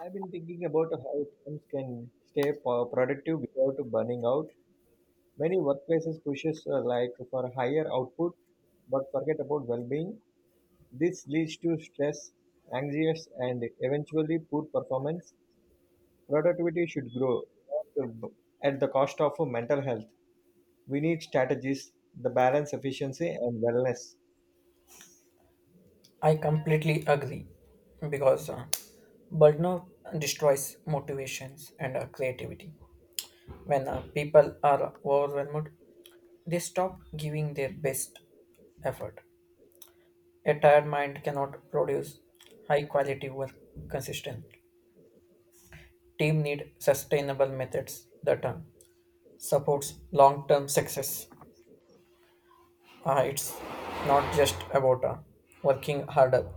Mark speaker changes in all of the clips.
Speaker 1: I've been thinking about how teams can stay productive without burning out. Many workplaces pushes like for higher output, but forget about well-being. This leads to stress, anxiety, and eventually poor performance. Productivity should grow not at the cost of mental health. We need strategies that balance efficiency and wellness.
Speaker 2: I completely agree because burnout destroys motivations and creativity. When people are overwhelmed, they stop giving their best effort. A tired mind cannot produce high quality work consistently. Team need sustainable methods that supports long term success. It's not just about working harder,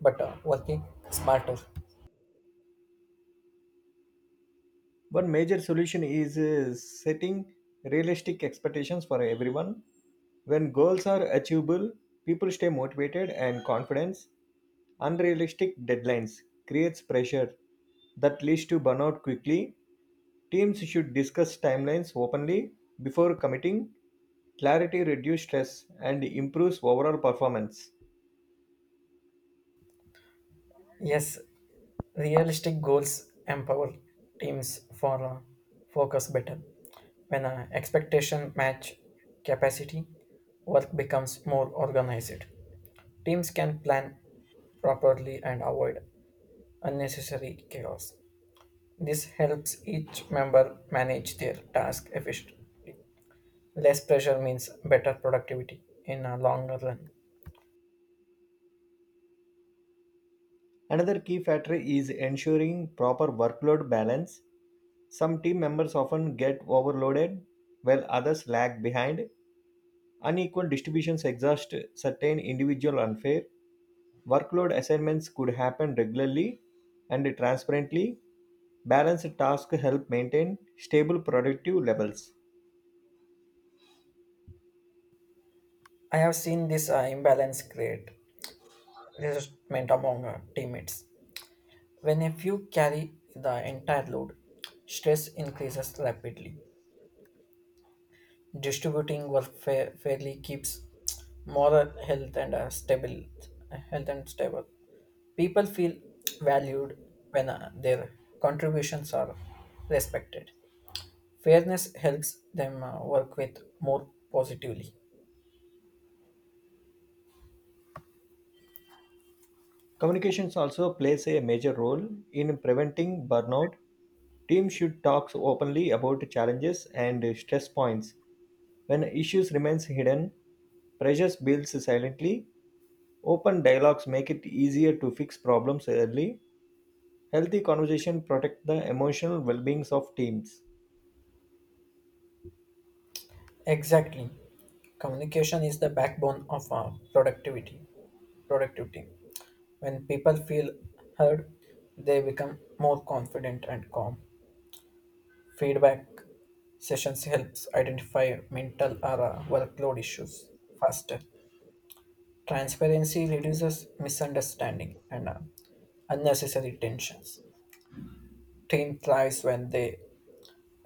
Speaker 2: but working smarter.
Speaker 1: One major solution is setting realistic expectations for everyone. When goals are achievable, people stay motivated and confident. Unrealistic deadlines creates pressure that leads to burnout quickly. Teams should discuss timelines openly before committing. Clarity reduces stress and improves overall performance.
Speaker 2: Yes, realistic goals empower teams for focus better. When expectation match capacity, work becomes more organized. Teams can plan properly and avoid unnecessary chaos. This helps each member manage their task efficiently. Less pressure means better productivity in a longer run.
Speaker 1: Another key factor is ensuring proper workload balance. Some team members often get overloaded while others lag behind. Unequal distributions exhaust certain individual unfair. Workload assignments could happen regularly and transparently. Balanced tasks help maintain stable productive levels.
Speaker 2: I have seen this imbalance create resentment among teammates. When a few carry the entire load, stress increases rapidly. Distributing work fairly keeps moral health and stable. People feel valued when their contributions are respected. Fairness helps them work with more positively.
Speaker 1: Communications also plays a major role in preventing burnout. Teams should talk openly about challenges and stress points. When issues remains hidden, pressure builds silently. Open dialogues make it easier to fix problems early. Healthy conversation protect the emotional well-being of teams.
Speaker 2: Exactly, communication is the backbone of productivity. When people feel heard, they become more confident and calm. Feedback sessions helps identify mental or workload issues faster. Transparency reduces misunderstanding and unnecessary tensions. Team thrives when they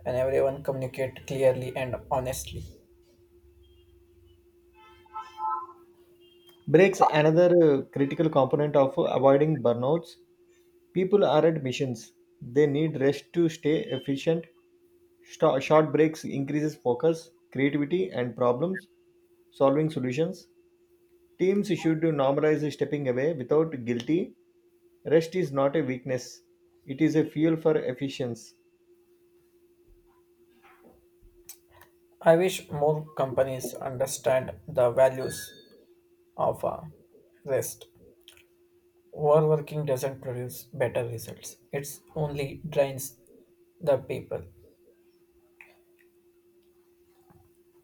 Speaker 2: and everyone communicate clearly and honestly.
Speaker 1: Breaks another critical component of avoiding burnouts. People are at missions. They need rest to stay efficient. Short breaks increases focus, creativity, and problems solving solutions. Teams should normalize stepping away without guilty. Rest is not a weakness; it is a fuel for efficiency.
Speaker 2: I wish more companies understand the values of rest. Overworking doesn't produce better results. It only drains the people.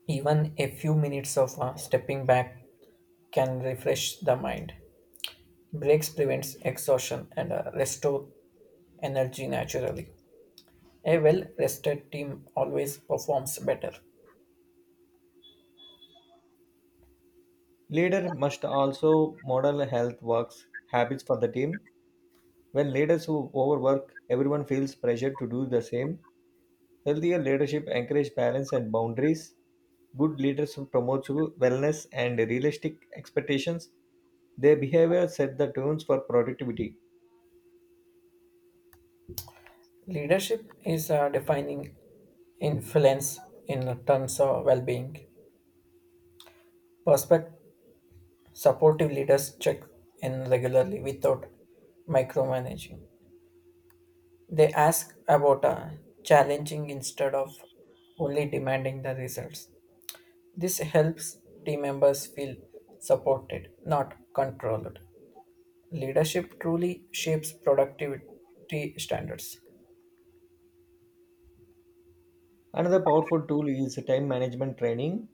Speaker 2: Even a few minutes of stepping back can refresh the mind. Breaks prevents exhaustion and restore energy naturally. A well rested team always performs better.
Speaker 1: Leader must also model health works habits for the team. When leaders who overwork, everyone feels pressure to do the same. Healthier leadership encourages balance and boundaries. Good leaders promote wellness and realistic expectations. Their behavior set the tunes for productivity.
Speaker 2: Leadership is defining influence in terms of well being. Perspect Supportive leaders check in regularly without micromanaging. They ask about challenging instead of only demanding the results. This helps team members feel supported, not controlled. Leadership truly shapes productivity standards.
Speaker 1: Another powerful tool is time management training.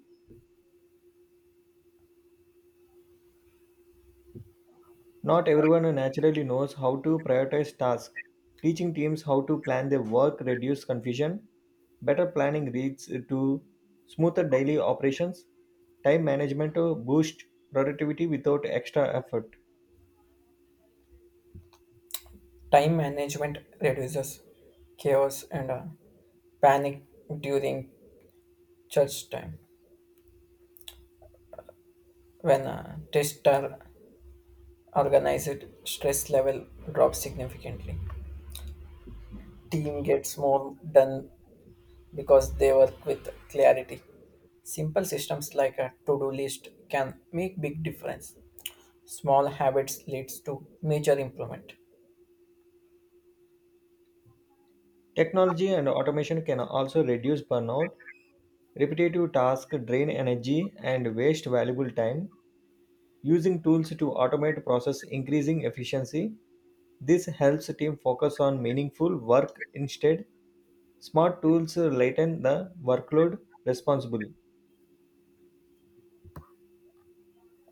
Speaker 1: Not everyone naturally knows how to prioritize tasks. Teaching teams how to plan their work reduces confusion. Better planning leads to smoother daily operations. Time management boosts productivity without extra effort.
Speaker 2: Time management reduces chaos and panic during church time. When tests are organized, stress level drops significantly. Team gets more done because they work with clarity. Simple systems like a to-do list can make big difference. Small habits leads to major improvement.
Speaker 1: Technology and automation can also reduce burnout. Repetitive tasks drain energy and waste valuable time. Using tools to automate process increasing efficiency. This helps team focus on meaningful work instead. Smart tools lighten the workload responsible.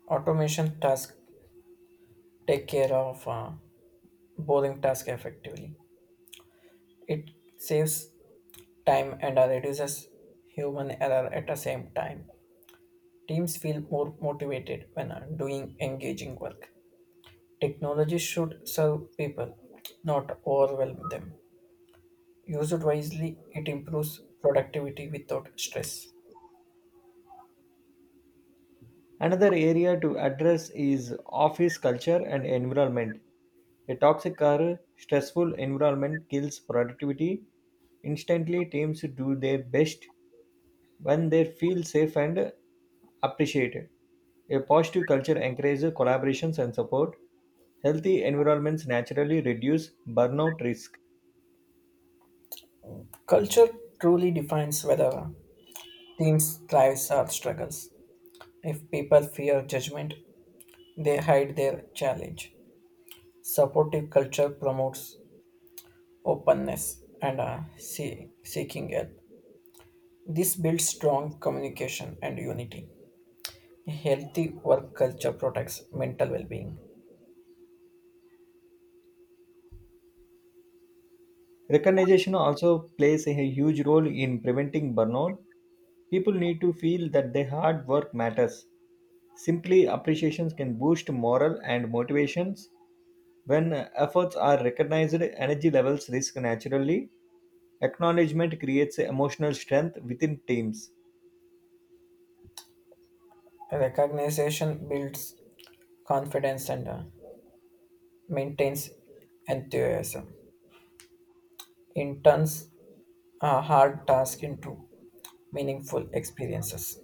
Speaker 2: Automation tasks take care of boring tasks effectively. It saves time and reduces human error at the same time. Teams feel more motivated when doing engaging work. Technology should serve people, not overwhelm them. Used wisely, it improves productivity without stress.
Speaker 1: Another area to address is office culture and environment. A toxic or stressful environment kills productivity. Instantly, teams do their best when they feel safe and appreciated. A positive culture encourages collaborations and support. Healthy environments naturally reduce burnout risk.
Speaker 2: Culture truly defines whether teams thrives or struggles. If people fear judgment, they hide their challenge. Supportive culture promotes openness and seeking help. This builds strong communication and unity. A healthy work culture protects mental well-being.
Speaker 1: Recognition also plays a huge role in preventing burnout. People need to feel that their hard work matters. Simply appreciations can boost morale and motivations. When efforts are recognized, energy levels rise naturally. Acknowledgement creates emotional strength within teams.
Speaker 2: Recognition builds confidence and maintains enthusiasm. In turns a hard task into meaningful experiences.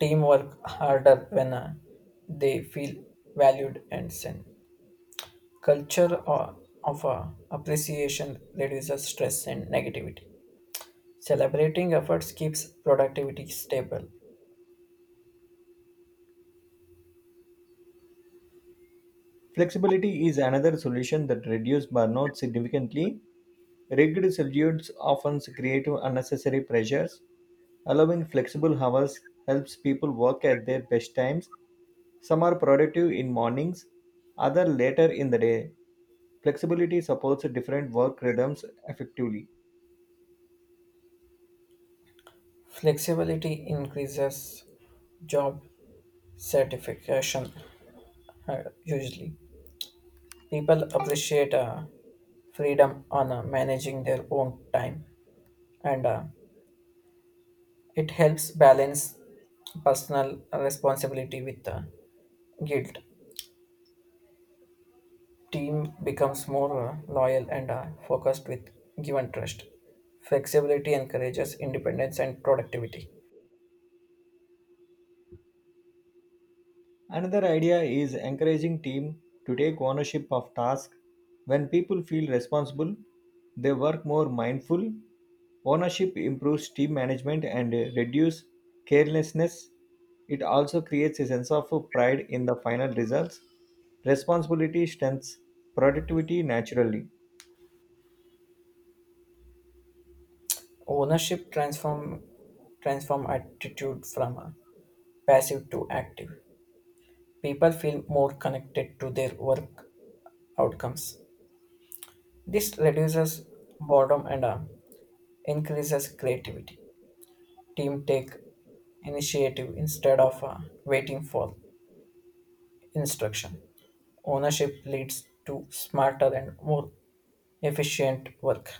Speaker 2: Team work harder when they feel valued and seen. Culture of appreciation reduces stress and negativity. Celebrating efforts keeps productivity stable.
Speaker 1: Flexibility is another solution that reduces burnout significantly. Rigid schedules often create unnecessary pressures. Allowing flexible hours helps people work at their best times. Some are productive in mornings, others later in the day. Flexibility supports different work rhythms effectively.
Speaker 2: Flexibility increases job satisfaction usually. People appreciate freedom on managing their own time and it helps balance personal responsibility with guilt. Team becomes more loyal and focused with given trust. Flexibility encourages independence and productivity.
Speaker 1: Another idea is encouraging team to take ownership of tasks. When people feel responsible, they work more mindful. Ownership improves team management and reduce carelessness. It also creates a sense of pride in the final results. Responsibility strengthens productivity naturally.
Speaker 2: Ownership transform attitude from passive to active. People feel more connected to their work outcomes. This reduces boredom and increases creativity. Team take initiative instead of waiting for instruction. Ownership leads to smarter and more efficient work.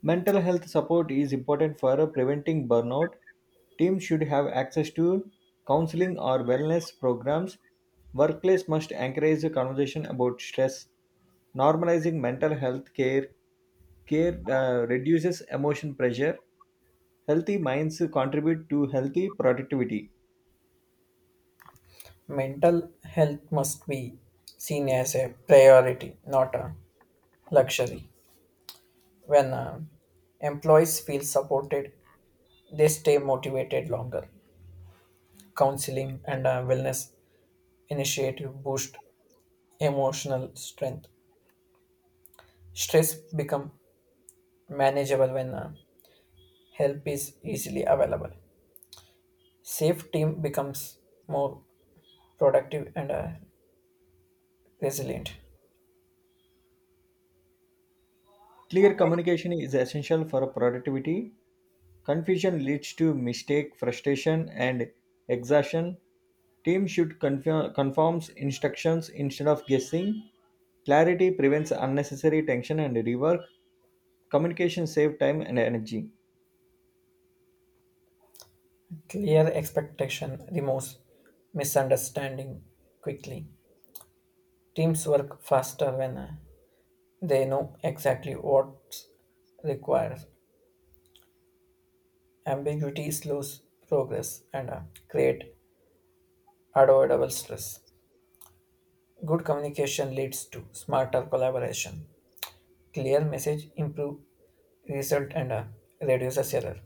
Speaker 1: Mental health support is important for preventing burnout. Teams should have access to counseling or wellness programs. Workplace must encourage a conversation about stress. Normalizing mental health care reduces emotion pressure. Healthy minds contribute to healthy productivity.
Speaker 2: Mental health must be seen as a priority, not a luxury. When employees feel supported, they stay motivated longer. Counseling and wellness initiative boost emotional strength. Stress become manageable when help is easily available. Safe team becomes more productive and resilient.
Speaker 1: Clear communication is essential for productivity. Confusion leads to mistake, frustration, and exhaustion. Teams should confirm conforms instructions instead of guessing. Clarity prevents unnecessary tension and rework. Communication saves time and energy.
Speaker 2: Clear expectation removes misunderstanding quickly. Teams work faster when they know exactly what's required. Ambiguity slows progress and create avoidable stress. Good communication leads to smarter collaboration. Clear message improve result and reduces error.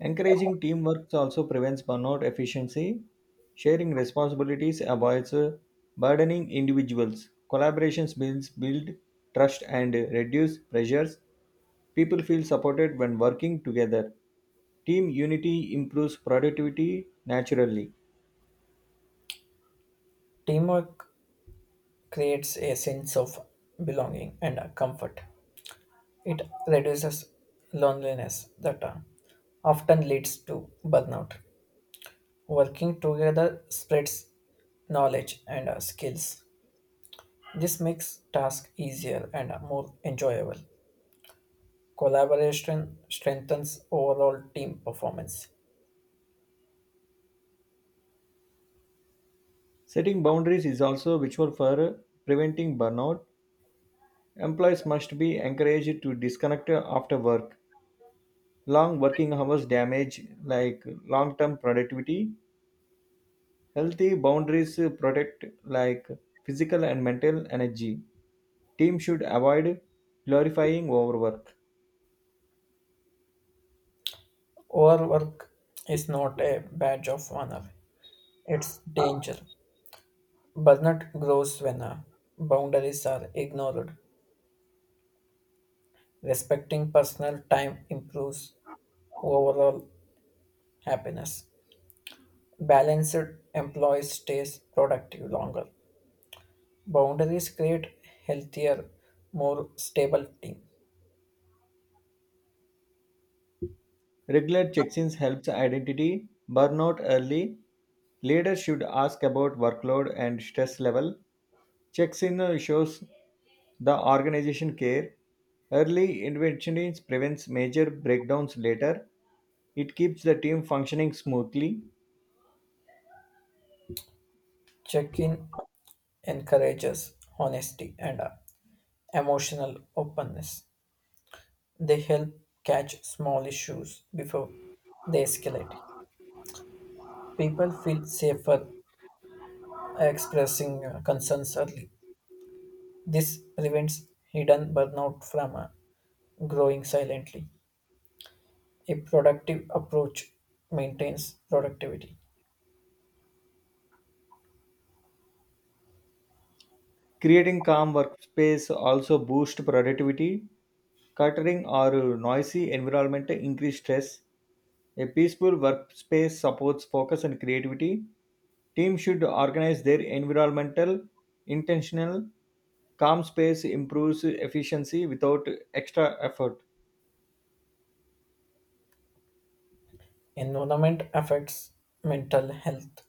Speaker 1: Encouraging teamwork also prevents burnout efficiency. Sharing responsibilities avoids burdening individuals. Collaborations build trust and reduce pressures. People feel supported when working together. Team unity improves productivity naturally.
Speaker 2: Teamwork creates a sense of belonging and comfort. It reduces loneliness that often leads to burnout. Working together spreads knowledge and skills. This makes tasks easier and more enjoyable. Collaboration strengthens overall team performance.
Speaker 1: Setting boundaries is also virtual for preventing burnout. Employees must be encouraged to disconnect after work. Long working hours damage like long-term productivity. Healthy boundaries protect like physical and mental energy. Team should avoid glorifying overwork.
Speaker 2: Overwork is not a badge of honor, it's danger. Burnout grows when boundaries are ignored. Respecting personal time improves overall happiness. Balanced employees stays productive longer. Boundaries create healthier, more stable team.
Speaker 1: Regular check-ins helps identity burnout early. Leaders should ask about workload and stress level. Checks-in shows the organization care. Early intervention prevents major breakdowns later. It keeps the team functioning smoothly.
Speaker 2: Check-in encourages honesty and emotional openness. They help catch small issues before they escalate. People feel safer expressing concerns early. This prevents hidden burnout from growing silently. A productive approach maintains productivity.
Speaker 1: Creating calm workspace also boosts productivity. Cluttering or noisy environment increase stress. A peaceful workspace supports focus and creativity. Teams should organize their environmental intentional calm space improves efficiency without extra effort.
Speaker 2: Environment affects mental health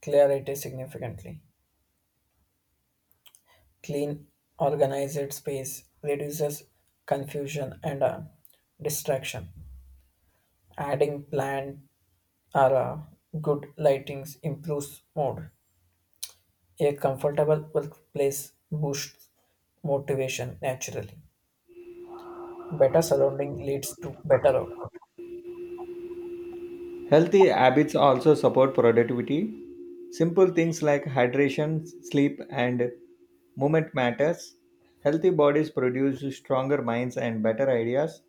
Speaker 2: clarity significantly. Clean, organized space reduces confusion and distraction. Adding plant or good lightings improves mood. A comfortable workplace boosts motivation naturally. Better surrounding leads to better output.
Speaker 1: Healthy habits also support productivity. Simple things like hydration, sleep, and movement matters. Healthy bodies produce stronger minds and better ideas.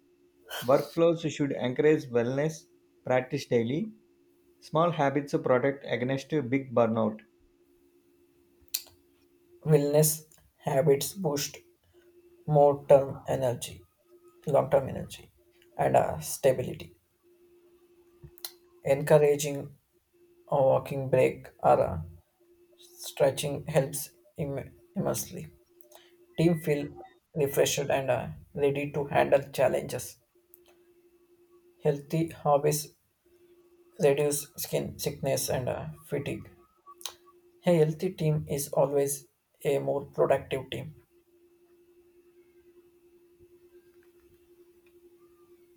Speaker 1: Workflows should encourage wellness, practice daily. Small habits protect against big burnout.
Speaker 2: Wellness habits boost more term energy, long term energy, and stability. Encouraging a walking break or a stretching helps immensely. Team feel refreshed and ready to handle challenges. Healthy hobbies reduce skin sickness and fatigue. A healthy team is always a more productive team.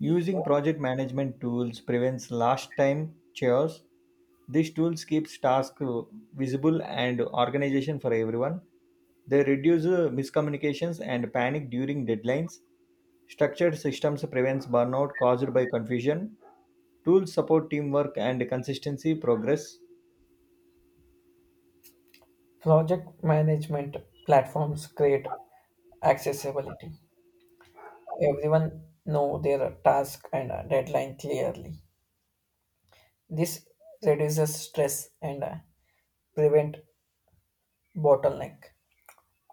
Speaker 1: Using project management tools prevents last time chores. These tools keeps tasks visible and organization for everyone. They reduce miscommunications and panic during deadlines. Structured systems prevents burnout caused by confusion. Tools support teamwork and consistency progress.
Speaker 2: Project management platforms create accessibility. Everyone know their task and deadline clearly. This reduces stress and prevent bottleneck.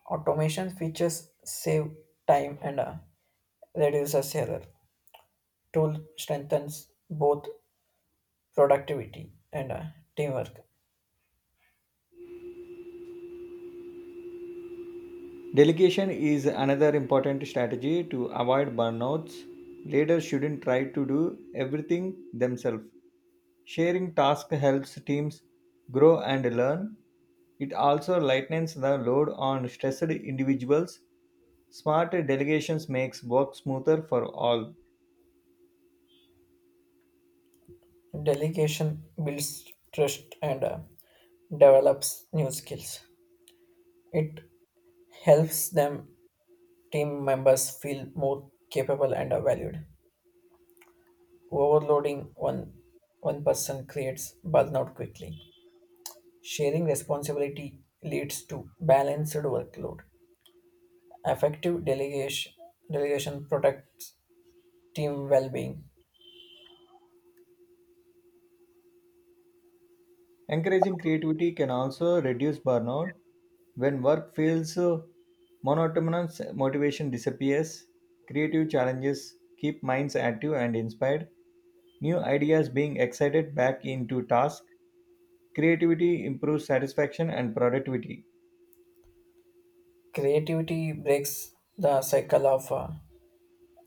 Speaker 2: Automation features save time and reduces error. Tool strengthens both productivity and teamwork.
Speaker 1: Delegation is another important strategy to avoid burnouts. Leaders shouldn't try to do everything themselves. Sharing tasks helps teams grow and learn. It also lightens the load on stressed individuals. Smart delegations makes work smoother for all.
Speaker 2: Delegation builds trust and develops new skills. It helps them team members feel more capable and valued. Overloading one person creates burnout quickly. Sharing responsibility leads to balanced workload. Effective delegation protects team well-being.
Speaker 1: Encouraging creativity can also reduce burnout. When work feels monotonous, motivation disappears. Creative challenges keep minds active and inspired. New ideas being excited back into task. Creativity improves satisfaction and productivity.
Speaker 2: Creativity breaks the cycle of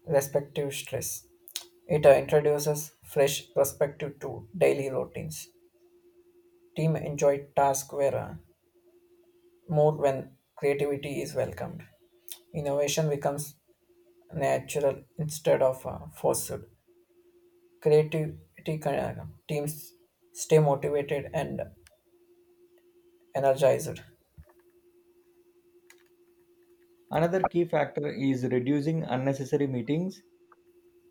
Speaker 2: respective stress. It introduces fresh perspective to daily routines. Team enjoy tasks where more when creativity is welcomed. Innovation becomes natural instead of forced. Creativity uh, teams stay motivated and energized.
Speaker 1: Another key factor is reducing unnecessary meetings.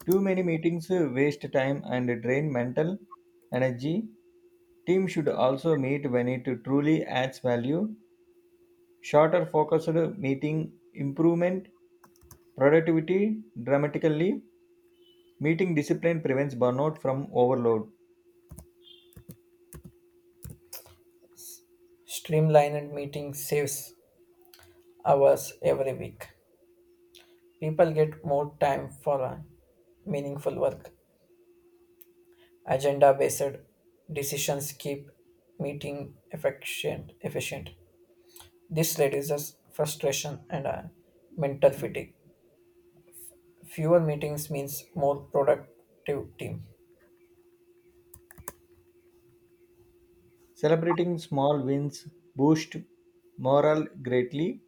Speaker 1: Too many meetings waste time and drain mental energy. Team should also meet when it truly adds value. Shorter focused meeting improvement productivity dramatically. Meeting discipline prevents burnout from overload.
Speaker 2: Streamlined meeting saves hours every week. People get more time for meaningful work. Agenda based decisions keep meeting efficient. This reduces frustration and mental fatigue. Fewer meetings means more productive team.
Speaker 1: Celebrating small wins boosts morale greatly.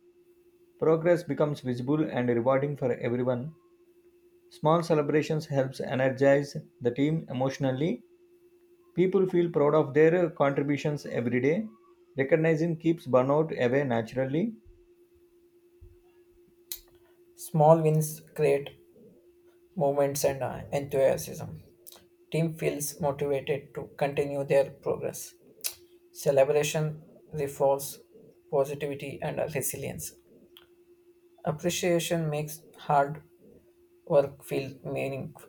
Speaker 1: Progress becomes visible and rewarding for everyone. Small celebrations helps energize the team emotionally. People feel proud of their contributions every day. Recognizing keeps burnout away naturally.
Speaker 2: Small wins create movements and enthusiasm. Team feels motivated to continue their progress. Celebration reinforces positivity and resilience. Appreciation makes hard work feel meaningful.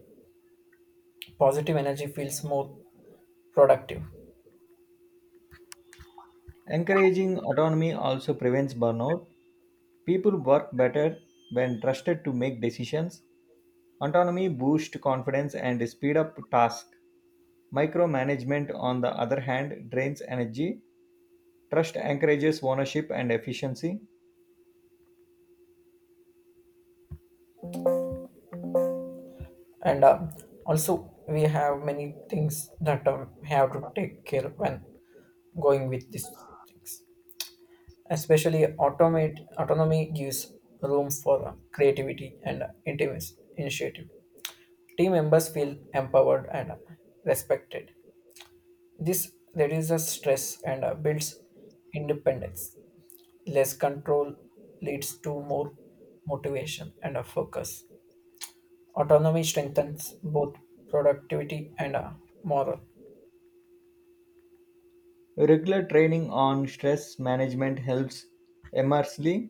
Speaker 2: Positive energy feels more productive.
Speaker 1: Encouraging autonomy also prevents burnout. People work better when trusted to make decisions. Autonomy boosts confidence and speed up tasks. Micromanagement, on the other hand, drains energy. Trust encourages ownership and efficiency.
Speaker 2: And also, we have many things that have to take care when going with these things. Especially, automate autonomy gives room for creativity and intimacy initiative. Team members feel empowered and respected. This reduces stress and builds independence. Less control leads to more motivation and a focus. Autonomy strengthens both productivity and moral.
Speaker 1: Regular training on stress management helps immensely.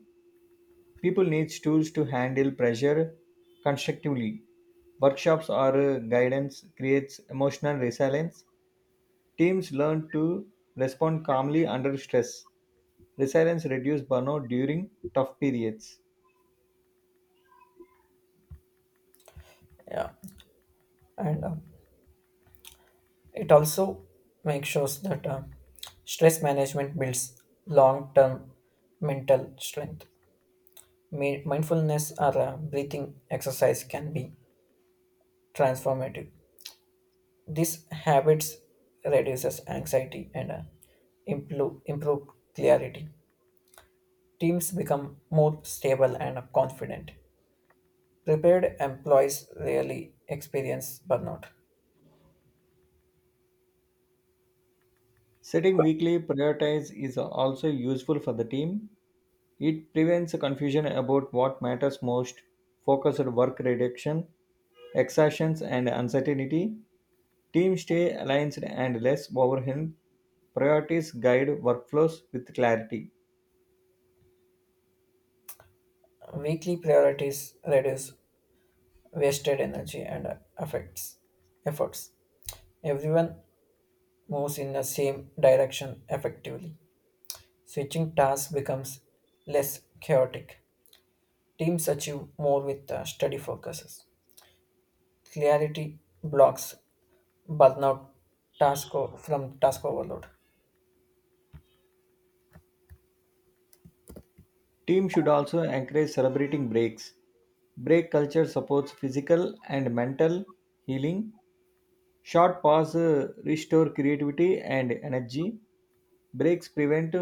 Speaker 1: People need tools to handle pressure constructively. Workshops or guidance creates emotional resilience. Teams learn to respond calmly under stress. Resilience reduces burnout during tough periods.
Speaker 2: Yeah, and it also makes sure that stress management builds long-term mental strength. Mindfulness or breathing exercise can be transformative. These habits reduces anxiety and improve clarity. Teams become more stable and confident. Prepared employees rarely experience burnout.
Speaker 1: Setting weekly priorities is also useful for the team. It prevents confusion about what matters most, focused work reduction, exhaustions, and uncertainty. Teams stay aligned and less overwhelmed. Priorities guide workflows with clarity.
Speaker 2: Weekly priorities reduce wasted energy and affects efforts. Everyone moves in the same direction effectively. Switching tasks becomes less chaotic. Teams achieve more with steady focuses. Clarity blocks burnout from task overload.
Speaker 1: Teams should also encourage celebrating breaks. Break culture supports physical and mental healing. Short pauses restore creativity and energy. Breaks prevent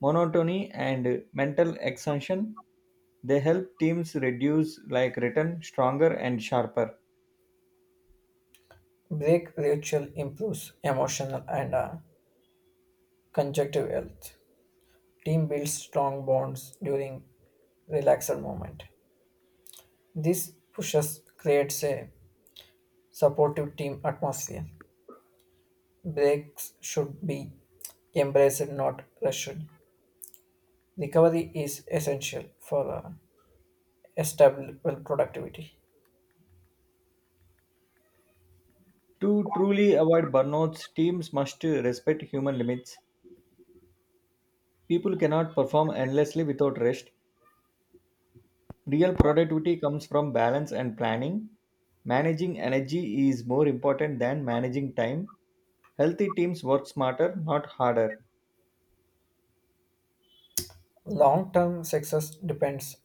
Speaker 1: monotony and mental exhaustion. They help teams reduce like return stronger and sharper.
Speaker 2: Break ritual improves emotional and conjunctive health. Team builds strong bonds during relaxed moment. This pushes creates a supportive team atmosphere. Breaks should be embraced, not rushed. Recovery is essential for stable productivity.
Speaker 1: To truly avoid burnouts, teams must respect human limits. People cannot perform endlessly without rest. Real productivity comes from balance and planning. Managing energy is more important than managing time. Healthy teams work smarter, not harder.
Speaker 2: Long-term success depends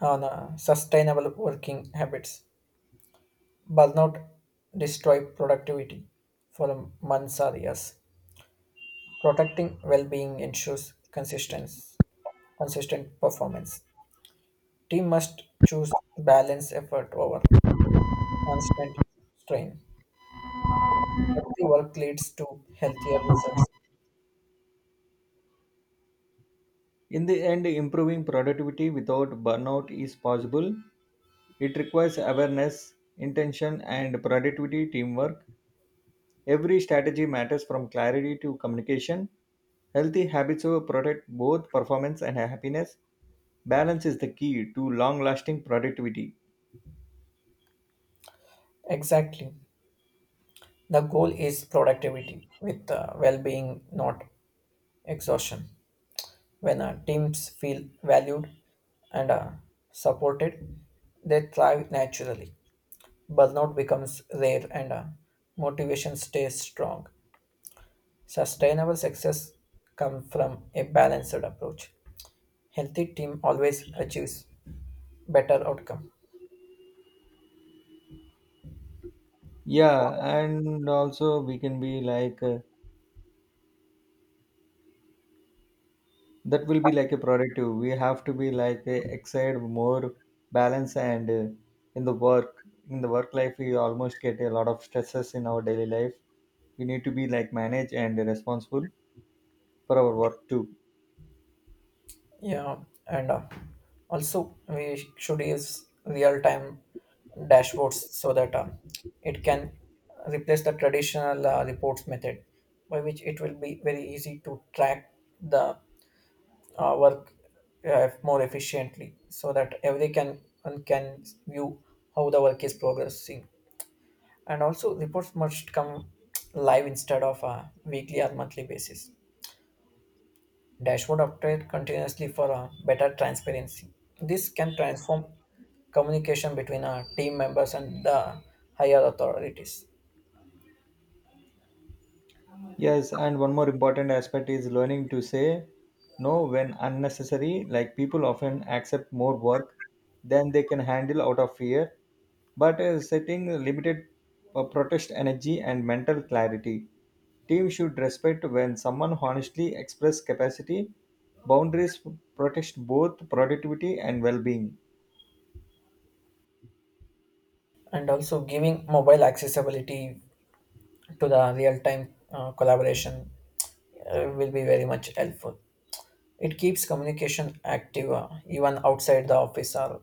Speaker 2: on sustainable working habits. Burnout destroy productivity for months or years. Protecting well-being ensures consistent performance. Team must choose balance effort over constant strain. Healthy work leads to healthier results.
Speaker 1: In the end, improving productivity without burnout is possible. It requires awareness, intention, and productivity teamwork. Every strategy matters from clarity to communication. Healthy habits will protect both performance and happiness. Balance is the key to long lasting productivity.
Speaker 2: Exactly. The goal is productivity with well-being, not exhaustion. When teams feel valued and supported, they thrive naturally. Burnout becomes rare and motivation stays strong. Sustainable success comes from a balanced approach. Healthy team always achieves better outcome.
Speaker 1: Yeah, and also we can be like that will be like a productive, we have to be like a excited more balance and in the work life. We almost get a lot of stresses in our daily life. We need to be like manage and responsible for our work too.
Speaker 2: Yeah, and also we should use real-time dashboards so that it can replace the traditional reports method, by which it will be very easy to track the work more efficiently, so that every can one can view how the work is progressing. And also reports must come live instead of a weekly or monthly basis. Dashboard update continuously for a better transparency. This can transform communication between our team members and the higher authorities.
Speaker 1: Yes, and one more important aspect is learning to say no when unnecessary. Like people often accept more work than they can handle out of fear, but setting limited protest energy and mental clarity. Team should respect when someone honestly express capacity. Boundaries protect both productivity and well-being.
Speaker 2: And also giving mobile accessibility to the real-time collaboration will be very much helpful. It keeps communication active even outside the office or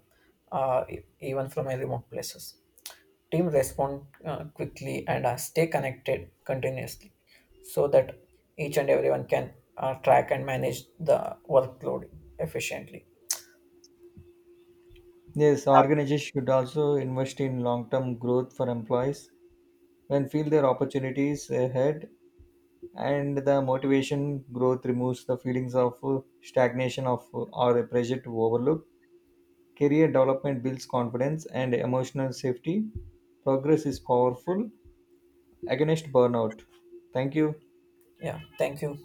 Speaker 2: even from a remote places. Team respond quickly and stay connected continuously, so that each and everyone can track and manage the workload efficiently.
Speaker 1: Yes, organizations should also invest in long-term growth for employees when feel their opportunities ahead, and the motivation growth removes the feelings of stagnation of or a pressure to overlook. Career development builds confidence and emotional safety. Progress is powerful against burnout. Thank you.
Speaker 2: Yeah, thank you.